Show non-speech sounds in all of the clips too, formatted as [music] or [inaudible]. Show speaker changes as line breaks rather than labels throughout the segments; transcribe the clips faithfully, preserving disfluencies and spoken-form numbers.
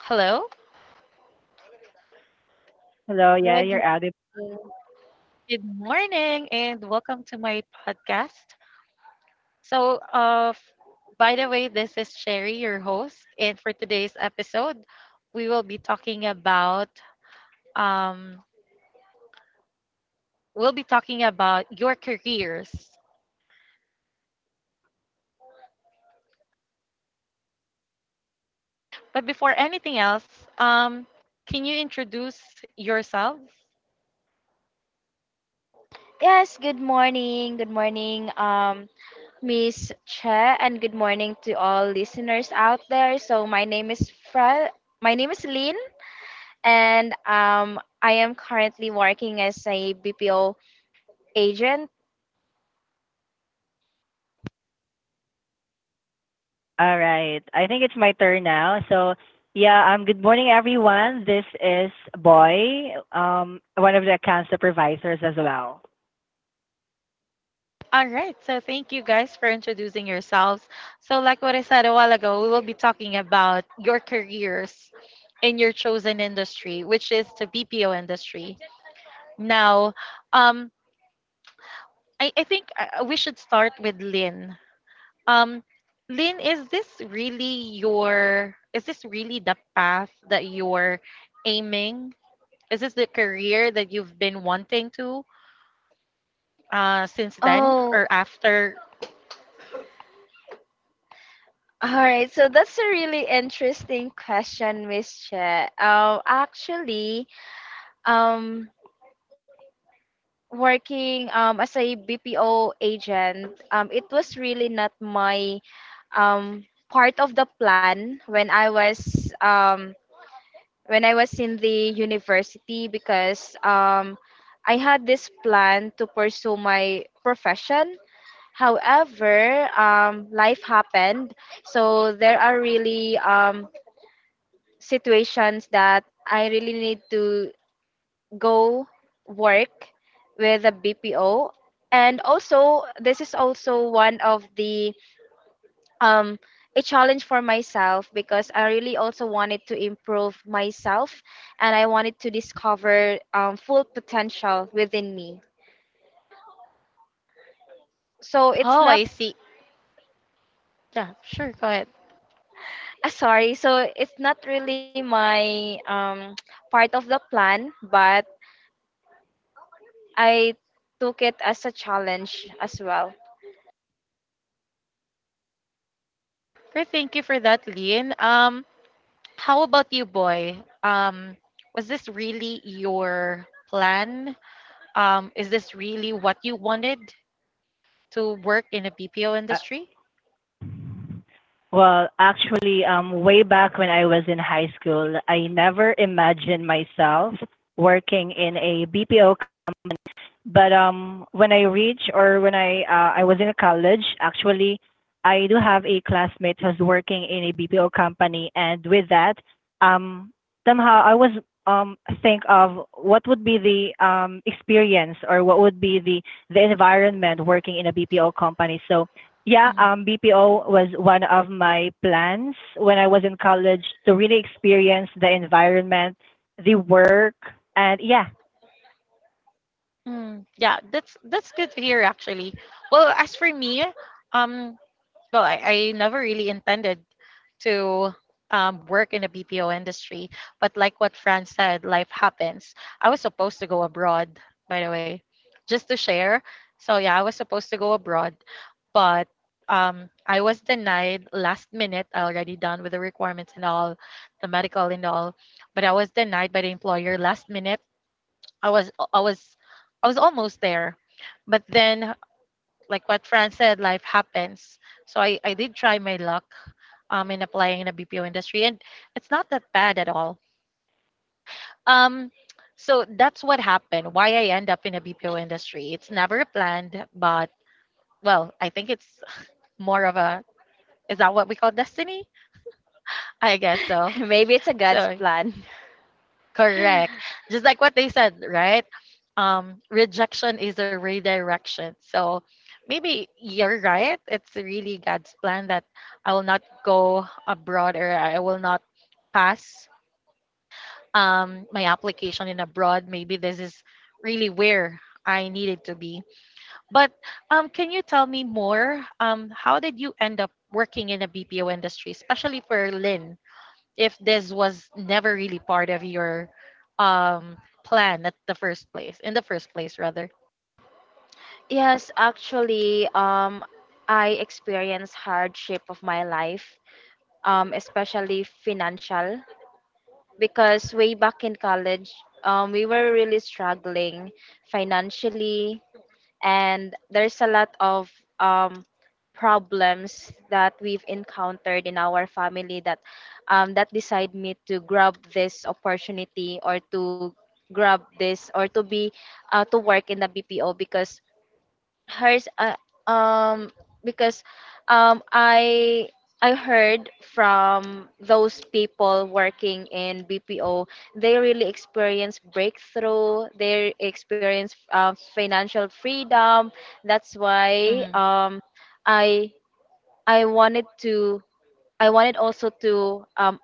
Hello,
Hello. Yeah,
Good
you're audible.
morning.
good morning, and welcome to my podcast. So, uh, f- by the way, this is Sherry, your host, and for today's episode, we will be talking about um, we'll be talking about your careers. But before anything else, um, can you introduce yourself?
Yes, good morning. Good morning, um, Miss Che, and good morning to all listeners out there. So my name is Fra. My name is Lynn, and um, I am currently working as a B P O agent.
All right. I think it's my turn now. So, yeah, um, good morning, everyone. This is Boy, um, one of the account supervisors as well.
All right. So thank you guys for introducing yourselves. So like what I said a while ago, we will be talking about your careers in your chosen industry, which is the B P O industry. Now, um, I, I think uh, uh, we should start with Lynn. Um, Lynn, is this really your, is this really the path that you're aiming? Is this the career that you've been wanting to uh, since then
Oh,
or after?
all right. So that's a really interesting question, Miss Che. Um, actually, um, working um, as a B P O agent, um, it was really not my um, part of the plan when I was um, when I was in the university because um, I had this plan to pursue my profession. However, um, life happened, so there are really um, situations that I really need to go work with a B P O. And also, this is also one of the um, a challenge for myself because I really also wanted to improve myself and I wanted to discover um, full potential within me. So it's
Oh,
not
I see. Yeah, sure. Go ahead.
[laughs] uh, sorry. So it's not really my um, [tsk] part of the plan, but I took it as a challenge as well.
Great, thank you for that, Lynn. Um, how about you, Boy? Um, was this really your plan? Um, is this really what you wanted to work in a B P O
Uh,
industry?
well, actually, um, way back when I was in high school, I never imagined myself working in a B P O. But um, when I reach or when I uh, I was in college, actually, I do have a classmate who's working in a B P O company, and with that, um, somehow I was um think of what would be the um experience or what would be the the environment working in a B P O company. So yeah,
Mhm.
um, B P O was one of my plans when I was in college to really experience the environment, the work, and yeah.
Mm, yeah, that's that's good to hear actually. Well, as for me, um, well, I, I never really intended to um, work in the B P O industry. But like what Fran said, life happens. I was supposed to go abroad, by the way, just to share. So yeah, I was supposed to go abroad, but um, I was denied last minute. I already done with the requirements and all, the medical and all, but I was denied by the employer last minute. I was I was I was almost there, but then like what Fran said, life happens. So I, I did try my luck um, in applying in the B P O industry, and it's not that bad at all. Um, so that's what happened. Why I end up in a B P O industry. It's never planned, but well, I think it's more of a— is that what we call destiny? I guess so.
[laughs] Maybe it's a God's
So.
plan.
Correct.
[laughs]
Just like what they said, right? Um, rejection is a redirection. So maybe you're right. It's really God's plan that I will not go abroad or I will not pass um, my application in abroad. Maybe this is really where I needed to be. But um, can you tell me more? Um, how did you end up working in a B P O industry, especially for Lynn? If this was never really part of your um plan at the first place, in the first place, rather.
Yes, actually, um, I experienced hardship of my life, um, especially financial, because way back in college, um, we were really struggling financially, and there's a lot of um, problems that we've encountered in our family that um, that decide me to grab this opportunity or to grab this or to be uh, to work in the B P O because hers uh, um because um I I heard from those people working in BPO. They really experience breakthrough. They experience uh, financial freedom. that's why
Mhm.
um i i wanted to, I wanted also to um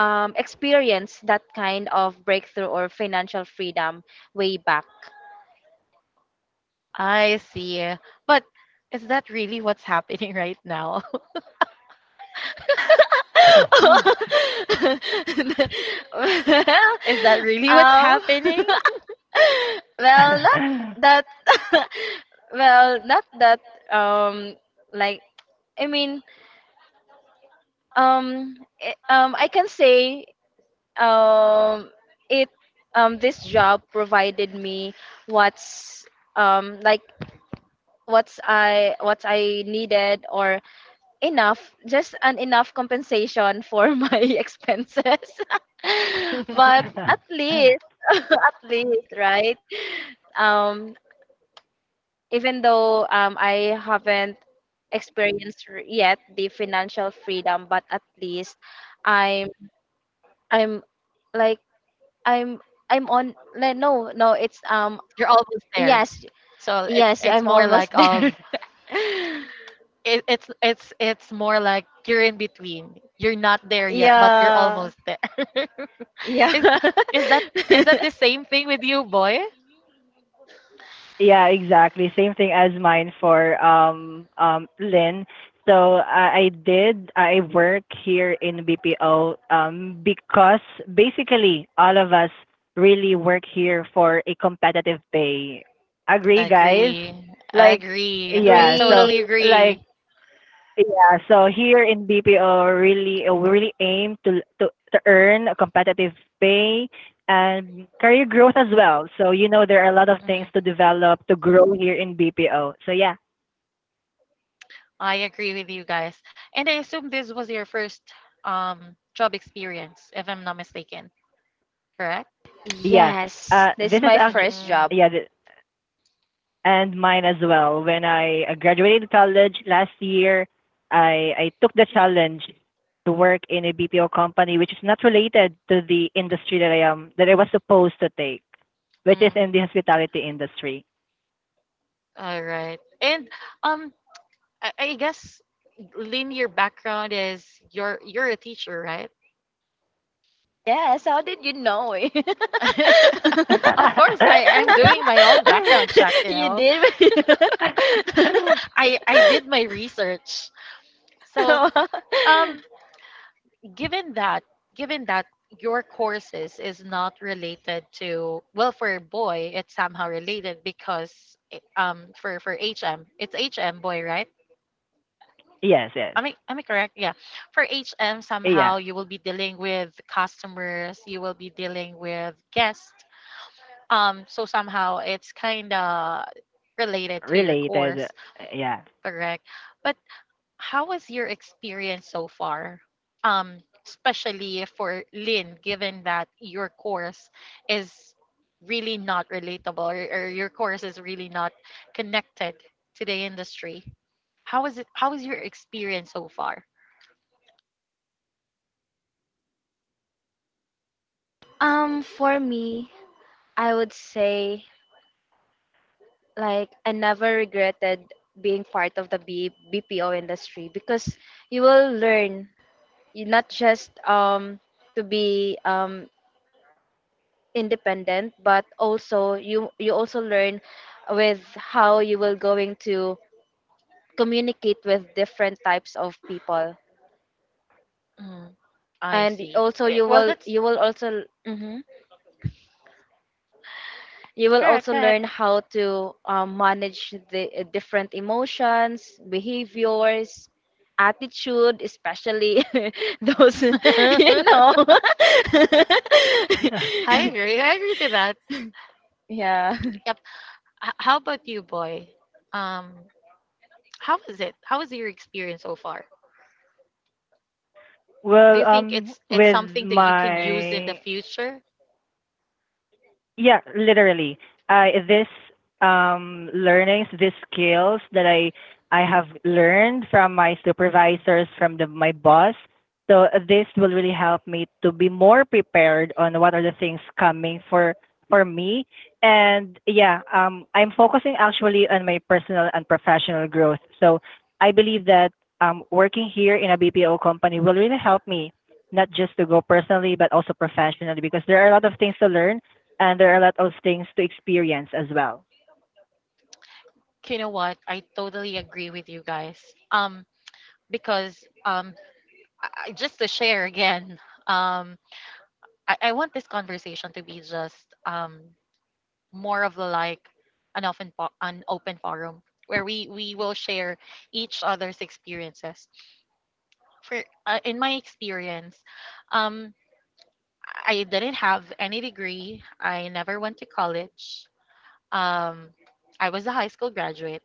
um, experience that kind of breakthrough or financial freedom way back.
I see, but is that really what's happening right now? [laughs]
[laughs] well,
Is that really what's
um, [laughs]
happening?
well, not
[laughs]
that, [laughs] well, not that, um, like, I mean, um, i- um, I can say, um, it, um, this job provided me what's, um, like, what's I, what I needed or enough, just an enough compensation for [laughs] my expenses. [laughs] But
[laughs]
at
[laughs]
least, at least, right? Um, even though um, I haven't experienced r- yet the financial freedom, but at least I'm I'm like I'm I'm on like, no no it's um.
You're almost there.
Yes,
So it,
yes,
it's
I'm
more
almost
like
there.
of— it, it's it's it's more like you're in between, you're not there
[laughs]
yet but you're
Yeah,
almost there. [laughs] is
yeah.
is that is that
[laughs]
the same thing with you, Boy?
Yeah, exactly. Same thing as mine for um um Lynn. So I, I did I work here in B P O um because basically all of us really work here for a competitive pay. Agree, guys?
Agree.
Like
Agree. I
yeah, so
Agree.
totally
like
agree.
yeah, so here in B P O, really, uh, we really aim to to to earn a competitive pay and career growth as well. So, you know, there are a lot of things
Mhm.
to develop, to grow here in B P O. So yeah,
I agree with you guys. And I assume this was your first um job experience, if I'm not mistaken, correct?
yeah.
Yes,
Uh,
this is
this is
my
actually,
first
Mm,
job.
yeah, th- and mine as well. When I uh, graduated college last year, I I took the challenge to work in a B P O company which is not related to the industry that I am that I was supposed to take, which is
mm.
in the hospitality industry.
All right. And um I, I guess Lynn, your background is you're you're a teacher, right?
Yes, how did you know it?
[laughs]
[laughs]
Of course, I
[laughs]
am doing my own background check, you
You
know.
did?
I I did my research. So,
[laughs]
um given that given that your courses is not related to, well, for a Boy it's somehow related because it- um for for hm it's hm Boy, right?
Yes, yes.
Am i am i correct? Yeah. For hm
Yeah,
somehow you will be dealing with customers, you will be dealing with guests. Um so somehow it's kind of related to your
really, that,
course.
yeah.
Correct? But how was your experience so far? Um, especially for Lynn, given that your course is really not relatable, or, or your course is really not connected to the industry. How is it? How is your experience so far?
um, for me, I would say, like, I never regretted being part of the B- BPO industry because you will learn, you not just um to be um independent, but also you you also learn with how you will going to communicate with different types of people.
Mm, I
And y-
see.
also
Eh,
you
Well,
will,
that's
you will also, mhm, you will
correct.
also
Go ahead.
learn how to um, manage the uh, different emotions, behaviors, attitude, especially [laughs] those, [laughs] you know.
[laughs] I
[laughs]
[laughs]
agree. I agree to that.
Yeah.
Yep.
[laughs]
H- how about you, Boy? Um, how was it? How was your experience so far? Do
Well,
you think
um,
it's it's
with
something that you can use in the
my
future?
yeah, literally. I this um learnings, these skills that I I have learned from my supervisors, from the my boss. So uh, this will really help me to be more prepared on what are the things coming for for me. And yeah, um I'm focusing actually on my personal and professional growth. So I believe that um working here in a B P O company will really help me not just to go personally but also professionally because there are a lot of things to learn and there are a lot of things to experience as well.
You know what, I totally agree with you guys. um because um I, I- just to share again, um I, I want this conversation to be just um more of like an open fo- an open forum where we we will share each other's experiences. For uh, in my experience, um I didn't have any degree. I never went to college. um I was a high school graduate.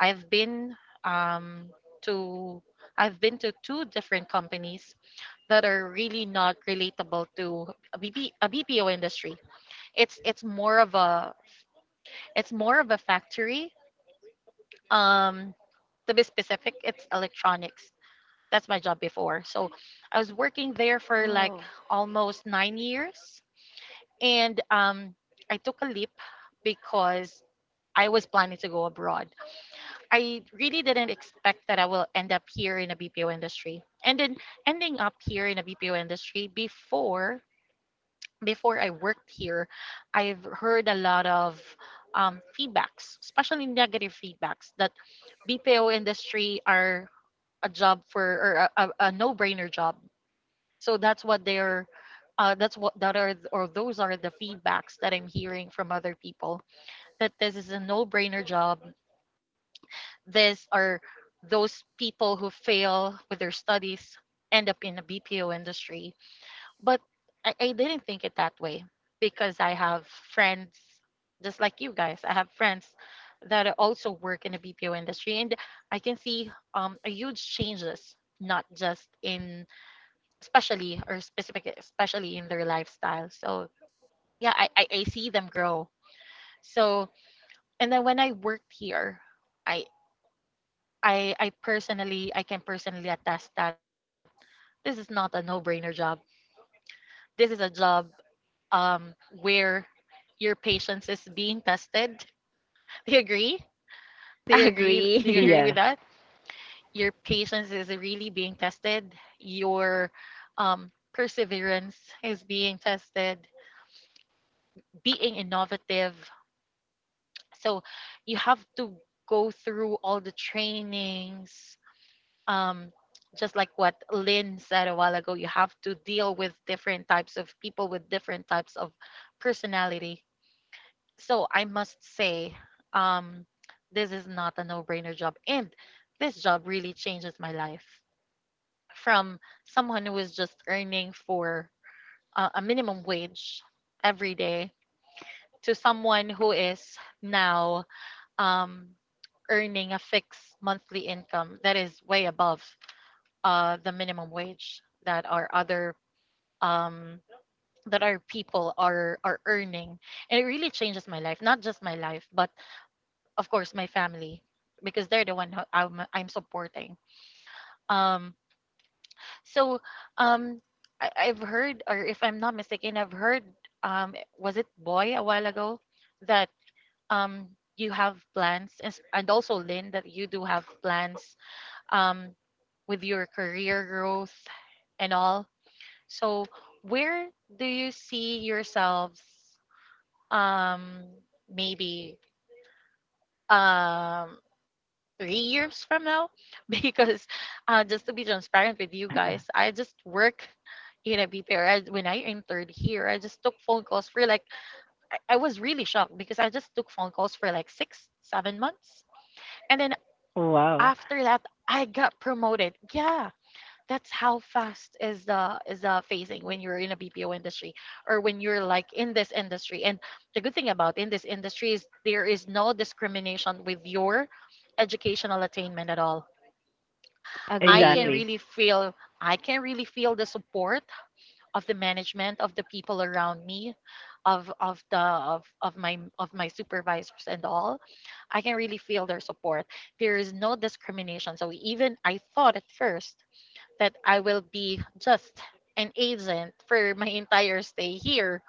I've been um, to I've been to two different companies that are really not relatable to a, B B, a B P O industry. It's it's more of a it's more of a factory. Um, to be specific, it's electronics. That's my job before. So I was working there for
Wow.
like almost nine years, and um, I took a leap because I was planning to go abroad. I really didn't expect that I will end up here in the B P O industry. And then ending up here in the B P O industry before before I worked here, I've heard a lot of um, feedbacks, especially negative feedbacks that B P O industry are a job for or a, a, a no-brainer job. So that's what they're uh, that's what that are or those are the feedbacks that I'm hearing from other people that this is a no-brainer job, this or those people who fail with their studies end up in the B P O industry. But I, I didn't think it that way because I have friends, just like you guys. I have friends that also work in the B P O industry, and I can see um, a huge changes, not just in especially or specific, especially in their lifestyle. So yeah, I, I, I see them grow. So and then when I worked here, I I I personally I can personally attest that this is not a no-brainer job. This is a job um where your patience is being tested. [laughs] Do you agree? Do you agree? Do
Agree.
you agree
[laughs]
with
Yes.
that? Your patience is really being tested. Your um, perseverance is being tested. Being innovative. So you have to go through all the trainings, um, just like what Lynn said a while ago, you have to deal with different types of people with different types of personality. So I must say, um, this is not a no brainer job. And this job really changes my life, from someone who was just earning for uh, a minimum wage every day to someone who is now um, earning a fixed monthly income that is way above uh, the minimum wage that our other um, that our people are are earning, and it really changes my life. Not just my life, but of course my family, because they're the one who I'm I'm supporting. Um, so um, I, I've heard, or if I'm not mistaken, I've heard um, was it Boy a while ago that um, you have plans, and and also Lynn, that you do have plans um, with your career growth and all. So, where do you see yourselves um maybe um three years from now? [laughs] Because uh just to be transparent with you guys,
[laughs]
I just work in a B P R when I entered here. I just took phone calls for like— I, I was really shocked because I just took phone calls for like 6 7 months. And then
Wow.
after that, I got promoted. Yeah. That's how fast is the is the phasing when you're in a B P O industry or when you're like in this industry. And the good thing about in this industry is there is no discrimination with your educational attainment at all. I can
Agree.
Exactly. [laughs]
really feel I can really feel the support of the management, of the people around me, of of the of, of my of my supervisors and all. I can really feel their support. There is no discrimination. So even I thought at first that I will be just an agent for my entire stay here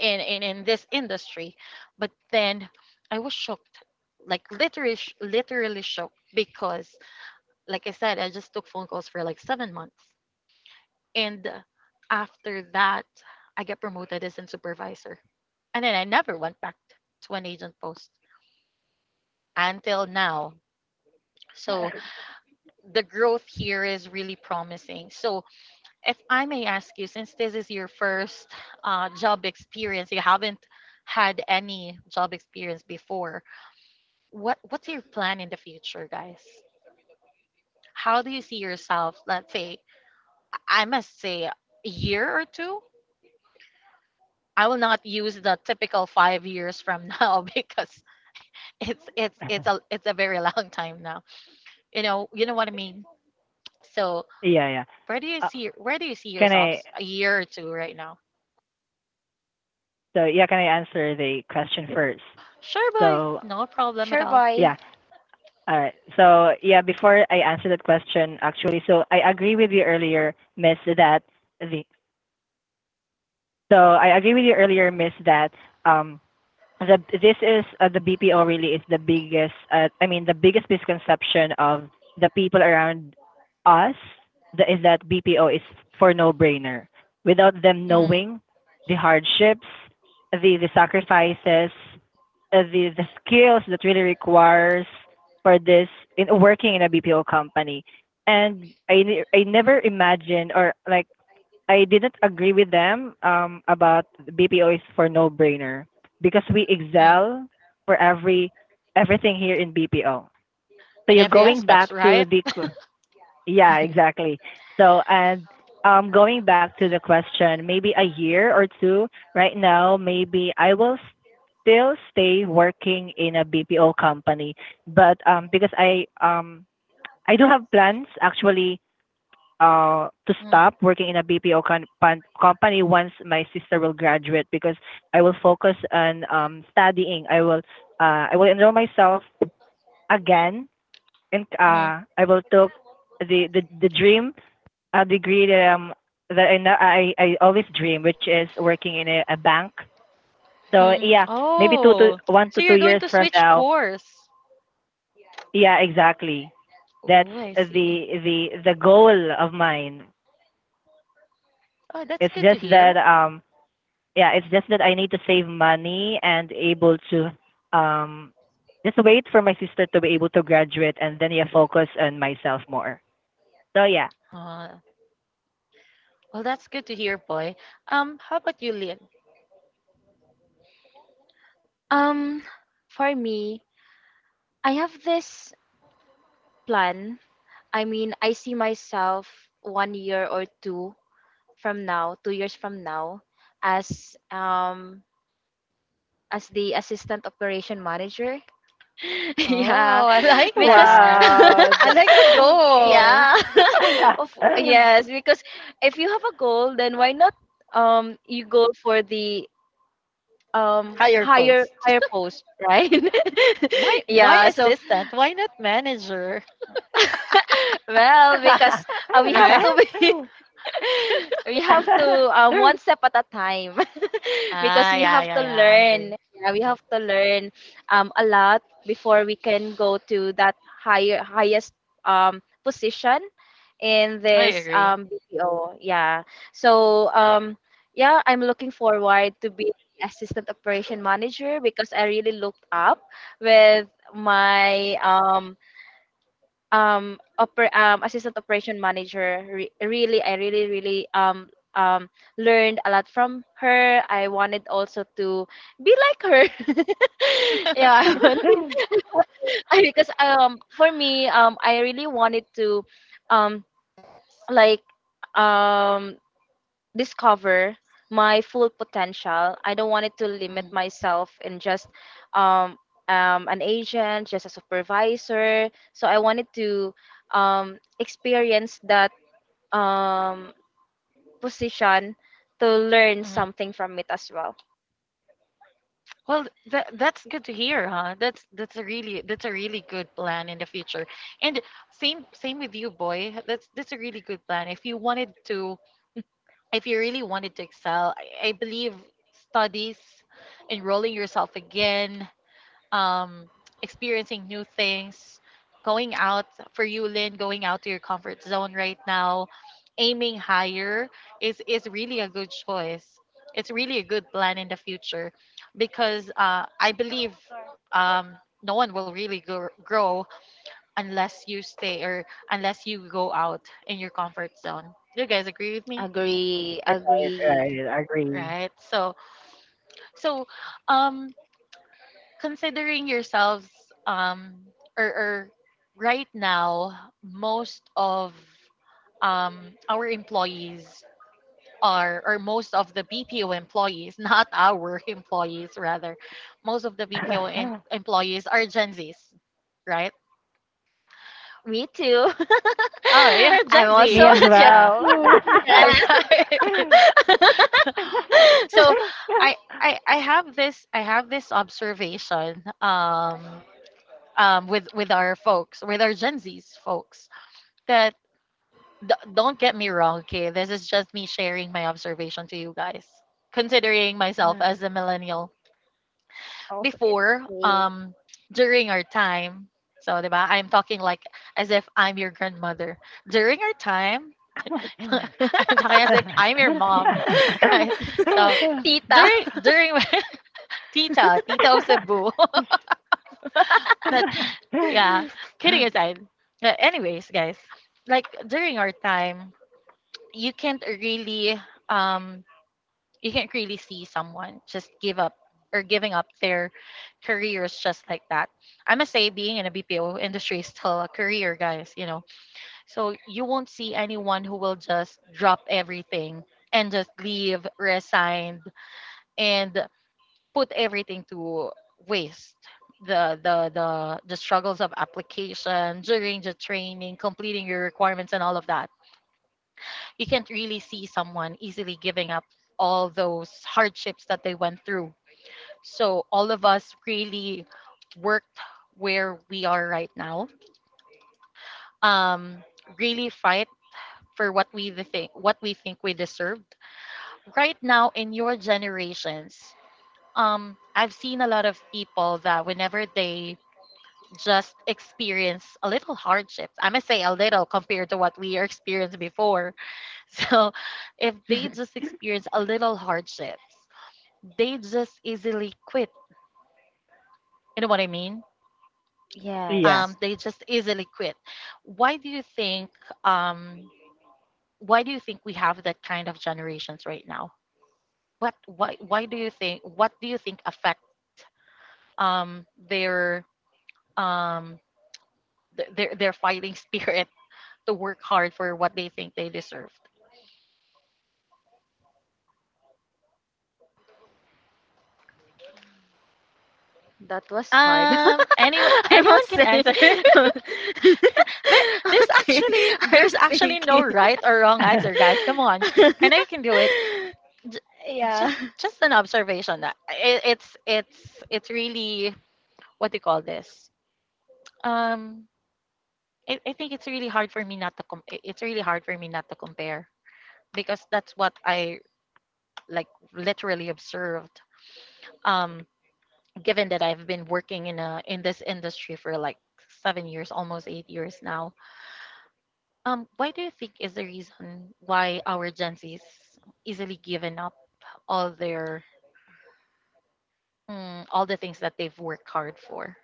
in, in, in this industry. But then I was shocked, like literally, sh- literally shocked because, like I said, I just took phone calls for like seven months. And uh, after that, I got promoted as a supervisor. And then I never went back to an agent post until now. So the growth here is really promising. So if I may ask you, since this is your first uh, job experience, you haven't had any job experience before. What what's your plan in the future, guys? How do you see yourself? Let's say I must say a year or two. I will not use the typical five years from now [laughs] because it's it's it's a it's a very [laughs] long time now. You know you know what I mean. So
Yeah, yeah.
where do you
Uh,
see where do you see
Can I,
yourselves a year or two right now?
so yeah, can I answer the question first?
Sure, Boy,
So,
no problem at
Sure,
all.
boy.
yeah. All right. So, yeah, before I answer that question, actually, so I agree with you earlier, Miss, that the, so I agree with you earlier, Miss, that um the this is uh, the B P O really is the biggest uh, I mean the biggest misconception of the people around us, the is that B P O is for no brainer without them
Hmm.
knowing the hardships, the the sacrifices, uh, the the skills that really requires for this in working in a B P O company. And I I never imagined, or like I didn't agree with them um, about B P O is for no-brainer because we excel for every everything here in B P O. So
In
you're
every
going
aspects,
back to
right?
the yeah exactly. So and um, going back to the question, maybe a year or two right now, maybe I will still stay working in a B P O company, but um, because I um, I do have plans actually uh, to stop working in a B P O con- pan- company once my sister will graduate because I will focus on um, studying. I will uh, I will enroll myself again, and
Mm-hmm.
uh, I will take the the, the dream uh, degree that, um, that I, know- I I always dream, which is working in a, a bank. So
mm
yeah, maybe two to
Oh,
one to
so
two
you're going
years
to
from
switch
now.
course.
Yeah, exactly. That's
Oh, I see.
the the the goal of mine.
Oh, that's
It's
good to
just that
hear.
um yeah, it's just that I need to save money and able to um just wait for my sister to be able to graduate, and then yeah, focus on myself more. So yeah.
Uh, well, that's good to hear, Boy. Um, how about you, Lynn?
um for me, I have this plan. I mean, I see myself one year or two from now, two years from now, as um as the assistant operation manager. [laughs] Yeah,
Oh, I [laughs] like
because
that.
Wow.
[laughs]
I like the
The-
goal.
yeah, [laughs] of,
[laughs]
yes, because if you have a goal, then why not um you go for the um
Higher post.
higher, higher post, right?
Why
[laughs]
why
Yeah, so
assistant? Why not manager? [laughs]
[laughs] well because uh, we have
Right?
to be [laughs] [laughs] we have to, um one step at a time. [laughs] Because
Ah,
we
yeah,
have
yeah,
to
yeah. I
learn,
agree.
yeah, we have to learn um a lot before we can go to that higher, highest um position in
I
this
agree.
um B P O. Yeah, so um yeah, I'm looking forward to be the assistant operation manager because I really looked up with my um um oper- um assistant operation manager. Re- really, I really, really um um learned a lot from her. I wanted also to be like her. [laughs] Yeah,
[laughs]
I wanted to [laughs] I, because um for me, um I really wanted to, um like um discover my full potential. I don't want it to limit myself in just um, um, an agent, just a supervisor. So I wanted to um, experience that um, position to learn
Mm-hmm.
something from it as well.
Well, that that's good to hear, huh? That's that's a really that's a really good plan in the future. And same same with you, boy. That's that's a really good plan. If you wanted to, if you really wanted to excel, I, I believe studies, enrolling yourself again, um, experiencing new things, going out for you, Lynn, going out to your comfort zone right now, aiming higher is is really a good choice. It's really a good plan in the future because uh, I believe, um, no one will really gr- grow unless you stay or unless you go out in your comfort zone. Do you guys agree with me?
Agree,
Right,
agree.
right, agree.
Right. So so um considering yourselves, um or, or right now most of um our employees are or most of the B P O employees [laughs] not our employees rather most of the B P O em-
[laughs]
employees are Gen Zs, right?
Me too.
Oh, [laughs] you're
[laughs] I'm
Gen Z,
also
Me as
a Gen
yeah,
well.
Z.
all
Yes.
right. [laughs]
[laughs]
so I I I have this I have this observation, um um with with our folks, with our Gen Zs folks, that d- don't get me wrong, okay? This is just me sharing my observation to you guys. Considering myself
No.
as a millennial
Oh, it's
before,
me.
um, during our time, so 'di ba? I'm talking like as if I'm your grandmother. During our time, [laughs]
[laughs]
I'm talking as if I'm your mom, [laughs] right? So
[laughs] Tita.
during during my [laughs] tita, tita of Cebu, [laughs] that yeah.
[laughs]
Kidding aside, Uh, anyways, guys, like during our time, you can't really um you can't really see someone just give up or giving up their careers just like that. I must say, being in a B P O industry is still a career, guys, you know. So you won't see anyone who will just drop everything and just leave, resign, and put everything to waste. The, the the the struggles of application during the training, completing your requirements, and all of that, you can't really see someone easily giving up all those hardships that they went through. So all of us really worked where we are right now. Um, Really fight for what we the think what we think we deserved. Right now in your generations, um, I've seen a lot of people that whenever they just experience a little hardship, I must say a little compared to what we experienced before. [laughs] So if they just experience a little hardships, they just easily quit. You know what I mean?
Yeah.
Yes,
Um, they just easily quit. Why do you think um, why do you think we have that kind of generations right now? What why why do you think what do you think affect, um, their um, th- their their fighting [laughs] spirit to work hard for what they think they deserve?
that was hard. [laughs]
Um, anyone
I
anyone
must
can
say.
answer. [laughs]
[laughs]
There- there's
Okay,
actually
I'm
there's actually no
thinking.
right or wrong answer,
[laughs]
guys. Come on, I know you
[laughs]
can do it. J-
Yeah.
just just an observation that it, it's it's it's really, what do you call this? Um, I, I think it's really hard for me not to com- it's really hard for me not to compare because that's what I like literally observed. Um, Given that I've been working in a in this industry for like seven years, almost eight years now. Um, why do you think is the reason why our Gen Z's easily given up all their mm, all the things that they've worked hard for?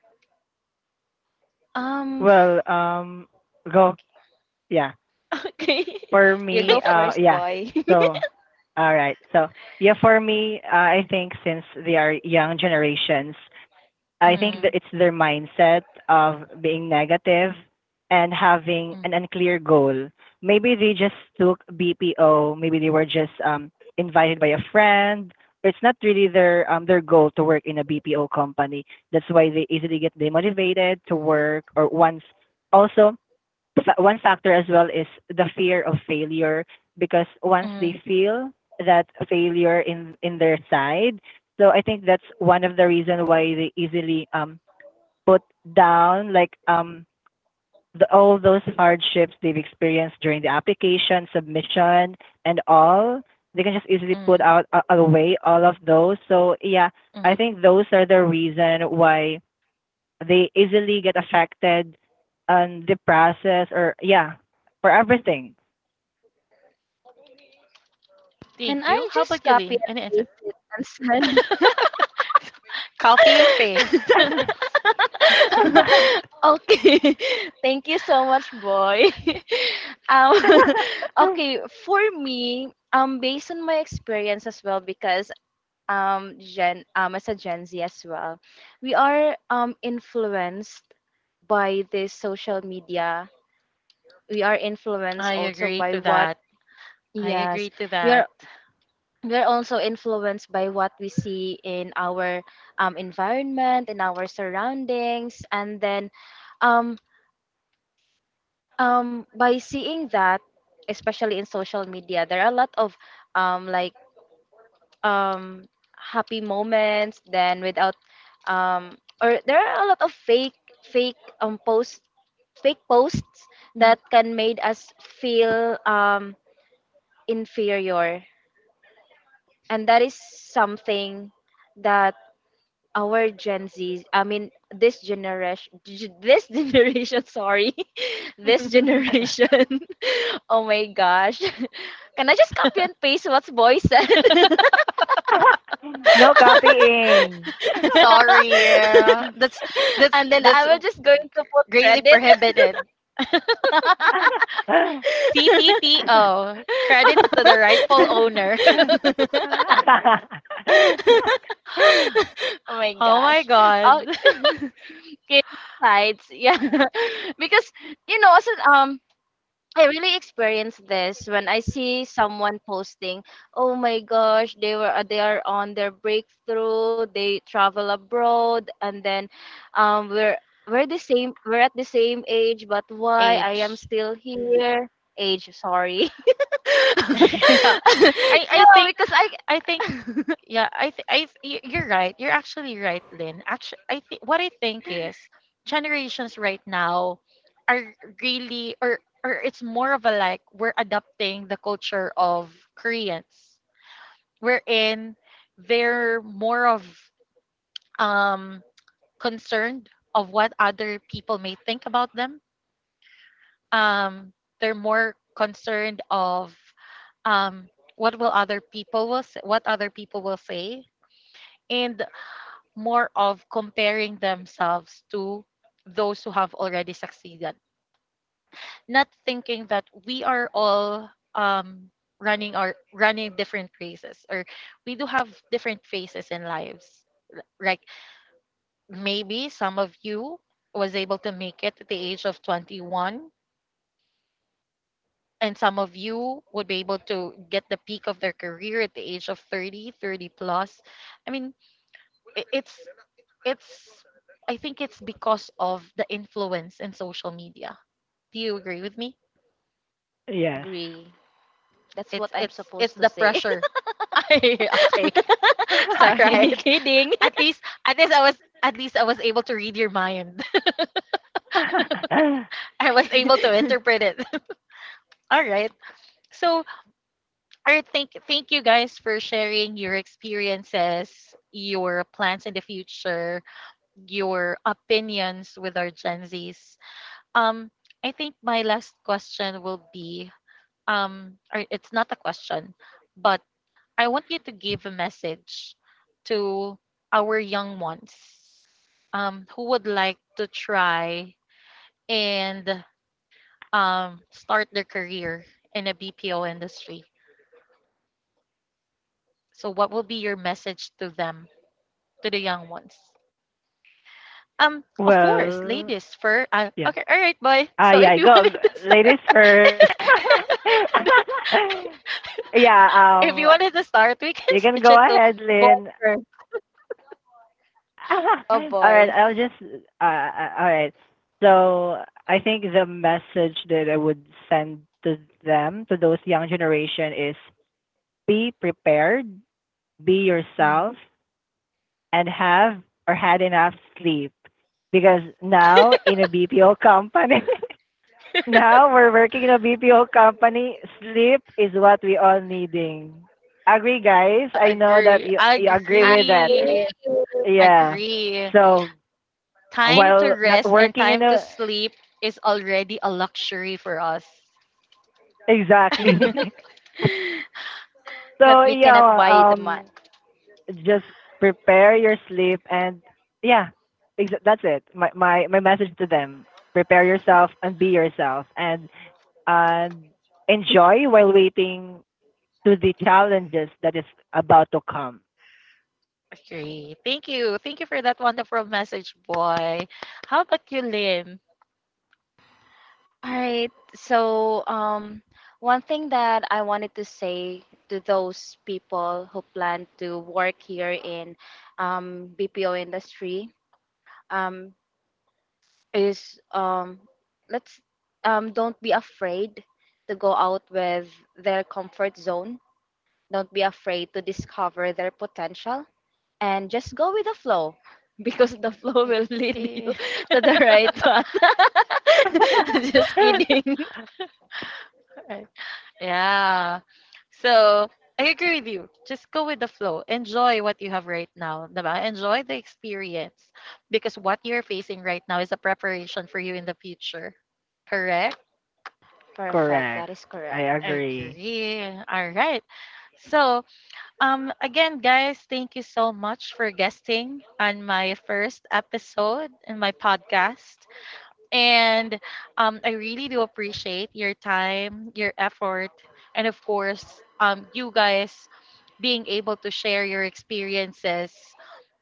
Um. f-
Well, um, go. Yeah.
Okay. [laughs] Okay.
For
You
me,
go
uh,
first,
yeah.
boy. [laughs]
So, all right. So, yeah, for me, uh, I think since they are young generations, I think that
Mm,
it's their mindset of being negative and having
mm,
an unclear goal. Maybe they just took B P O, maybe they were just um, invited by a friend. It's not really their um, their goal to work in a B P O company. That's why they easily get demotivated to work. Or once also, fa- one factor as well is the fear of failure, because once
mm,
they feel that failure in in their side, so I think that's one of the reason why they easily um put down, like um the, all those hardships they've experienced during the application submission and all, they can just easily put
mm,
out uh, away all of those. So yeah, I
mm.
think those are the reason why they easily get affected and depressed, or yeah, for everything.
Can
Thank you.
I
How
just
about you,
copy
Lynn?
and
Any answer?
paste it and send?
[laughs] Copy and
[laughs]
paste. [laughs]
[laughs] Okay. [laughs] Thank you so much, boy. [laughs] Um, [laughs]
[laughs]
okay, for me, um, based on my experience as well, because um, Gen, um, as a Gen Z as well, we are um influenced by this social media. We are influenced
I
also
agree
by
to
what,
that. I agree
yes,
to
we
that.
are. We are also influenced by what we see in our um, environment, in our surroundings, and then um, um by seeing that, especially in social media, there are a lot of um like um happy moments then without um or there are a lot of fake fake um posts fake posts
Mm.
that can made us feel um inferior. And that is something that our Gen Z, I mean this generation, this [laughs] generation, sorry, [laughs] this generation. [laughs] Oh my gosh, [laughs] can I just copy and paste what boy said? [laughs]
No copying.
Sorry, yeah, that's
[laughs]
that's
And then
that's
I will just going to put
greatly
credit.
prohibited.
[laughs]
C T T O credits to the rightful owner. [laughs]
Oh my
Oh my
gosh.
god.
Oh, [laughs] okay, sides, yeah, [laughs] because you know, also um I really experience this when I see someone posting, "Oh my gosh, they were uh, they are on their breakthrough. They travel abroad, and then um, we're we're the same. We're at the same age, but why I am
Age.
still here? Age, sorry. [laughs]
[laughs] Yeah. I
No,
I think
because I
I think,
[laughs]
yeah. I th- I th- y- you're right. You're actually right, Lynn. Actually, I think what I think is generations right now are really, or or it's more of a, like, we're adopting the culture of Koreans. We're in They're more of, um concerned of what other people may think about them. Um they're more concerned of, um what will other people will say, what other people will say, and more of comparing themselves to those who have already succeeded, not thinking that we are all, um running our running different races, or we do have different phases in lives, like maybe some of you was able to make it at the age of twenty-one, and some of you would be able to get the peak of their career at the age of thirty, thirty plus. i mean i- it's it's, I think it's because of the influence in social media. Do you agree with me?
Yes.
agree. That's what
It's
I'm
it's
supposed
it's
to
the
say.
pressure. [laughs] Ay, okay.
[laughs]
[laughs] All
Sorry, [laughs]
right.
[laughs]
kidding.
At least at least I was at least I was able to read your mind. [laughs] I was able to
[laughs]
interpret it. [laughs] All right. So, I thank thank you guys for sharing your experiences, your plans in the future, your opinions with our Gen Zs. Um I think my last question will be, um or it's not a question, but I want you to give a message to our young ones, um who would like to try and, um start their career in a B P O industry. So what will be your message to them, to the young ones? Um, of course,
Well,
ladies first. Uh,
yeah.
okay, all right, boy. [laughs]
Ah,
So if
yeah.
you [laughs]
Go,
wanted
go,
to start,
ladies first.
[laughs]
[laughs] Yeah,
if you
um,
wanted to start, we can
you can
switch
go
it to
ahead,
boy
Lynn.
first.
[laughs]
Oh
All right,
boy.
I'll just, uh, uh, all right. So I think the message that I would send to them, to those young generation, is be prepared, be
Hmm,
yourself, and have or had enough sleep. Because now in a B P O company, [laughs] now we're working in a B P O company, sleep is what we all needing. Agree, guys?
I
I know that
agree,
you,
I
you agree
I
with that.
agree.
Yeah.
Agree.
So
Time to
while not
rest and
working in
time to
a
sleep is already a luxury for us.
exactly. [laughs]
[laughs] that
So
we cannot
yeah,
buy the mat.
um just prepare your sleep and yeah, exa- that's it. My my my message to them. Prepare yourself and be yourself, and and enjoy while waiting to the challenges that is about to come.
Agree. Thank you. Thank you for that wonderful message, boy. How about you, Lynn?
All right. So, um, one thing that I wanted to say to those people who plan to work here in um, B P O industry, um, is um, let's, um, don't be afraid to go out with their comfort zone. Don't be afraid to discover their potential and just go with the flow [laughs] because the flow will lead you [laughs]
Agree.
to the right path. [laughs]
[laughs]
Just kidding.
[laughs] Yeah. So, I agree with you. Just go with the flow. Enjoy what you have right now. Diba? Enjoy the experience because what you're facing right now is a preparation for you in the future. Correct?
Perfect.
Correct.
That is
I
correct.
agree.
Agree. All right. So, Um, again, guys, thank you so much for guesting on my first episode in my podcast. And, um, I really do appreciate your time, your effort, and of course, um, you guys being able to share your experiences,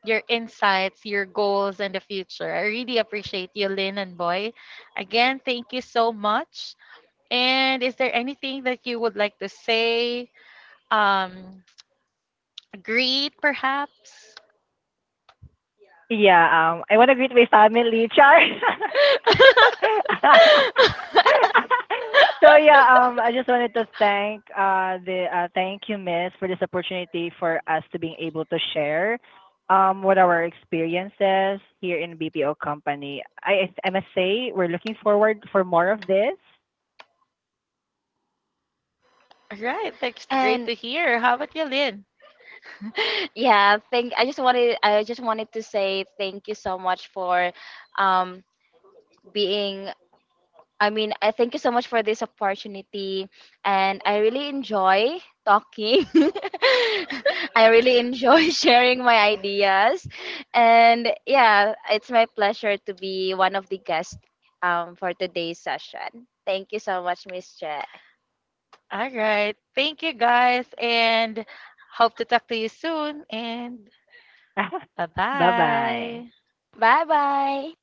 your insights, your goals in the future. I really appreciate you, Lynn and Boy. Again, thank you so much. And is there anything that you would like to say? Um, Agree, perhaps.
Yeah, um I want to greet my family, Char.
[laughs]
[laughs] [laughs] So yeah, um, I just wanted to thank uh, the uh, thank you, Miss, for this opportunity for us to being able to share um, what our experiences here in B P O company. I, I must say, we're looking forward for more of this.
All right, that's great
And
to hear. How about you, Lynn?
yeah, thank I just wanted, I just wanted to say thank you so much for um being I mean, I thank you so much for this opportunity, and I really enjoy talking. [laughs] I really enjoy [laughs] sharing my ideas, and yeah, it's my pleasure to be one of the guests um, for today's session. Thank you so much, Miss Che.
All right, thank you guys, and hope to talk to you soon. And
[laughs]
bye
Bye bye.
bye.
Bye bye.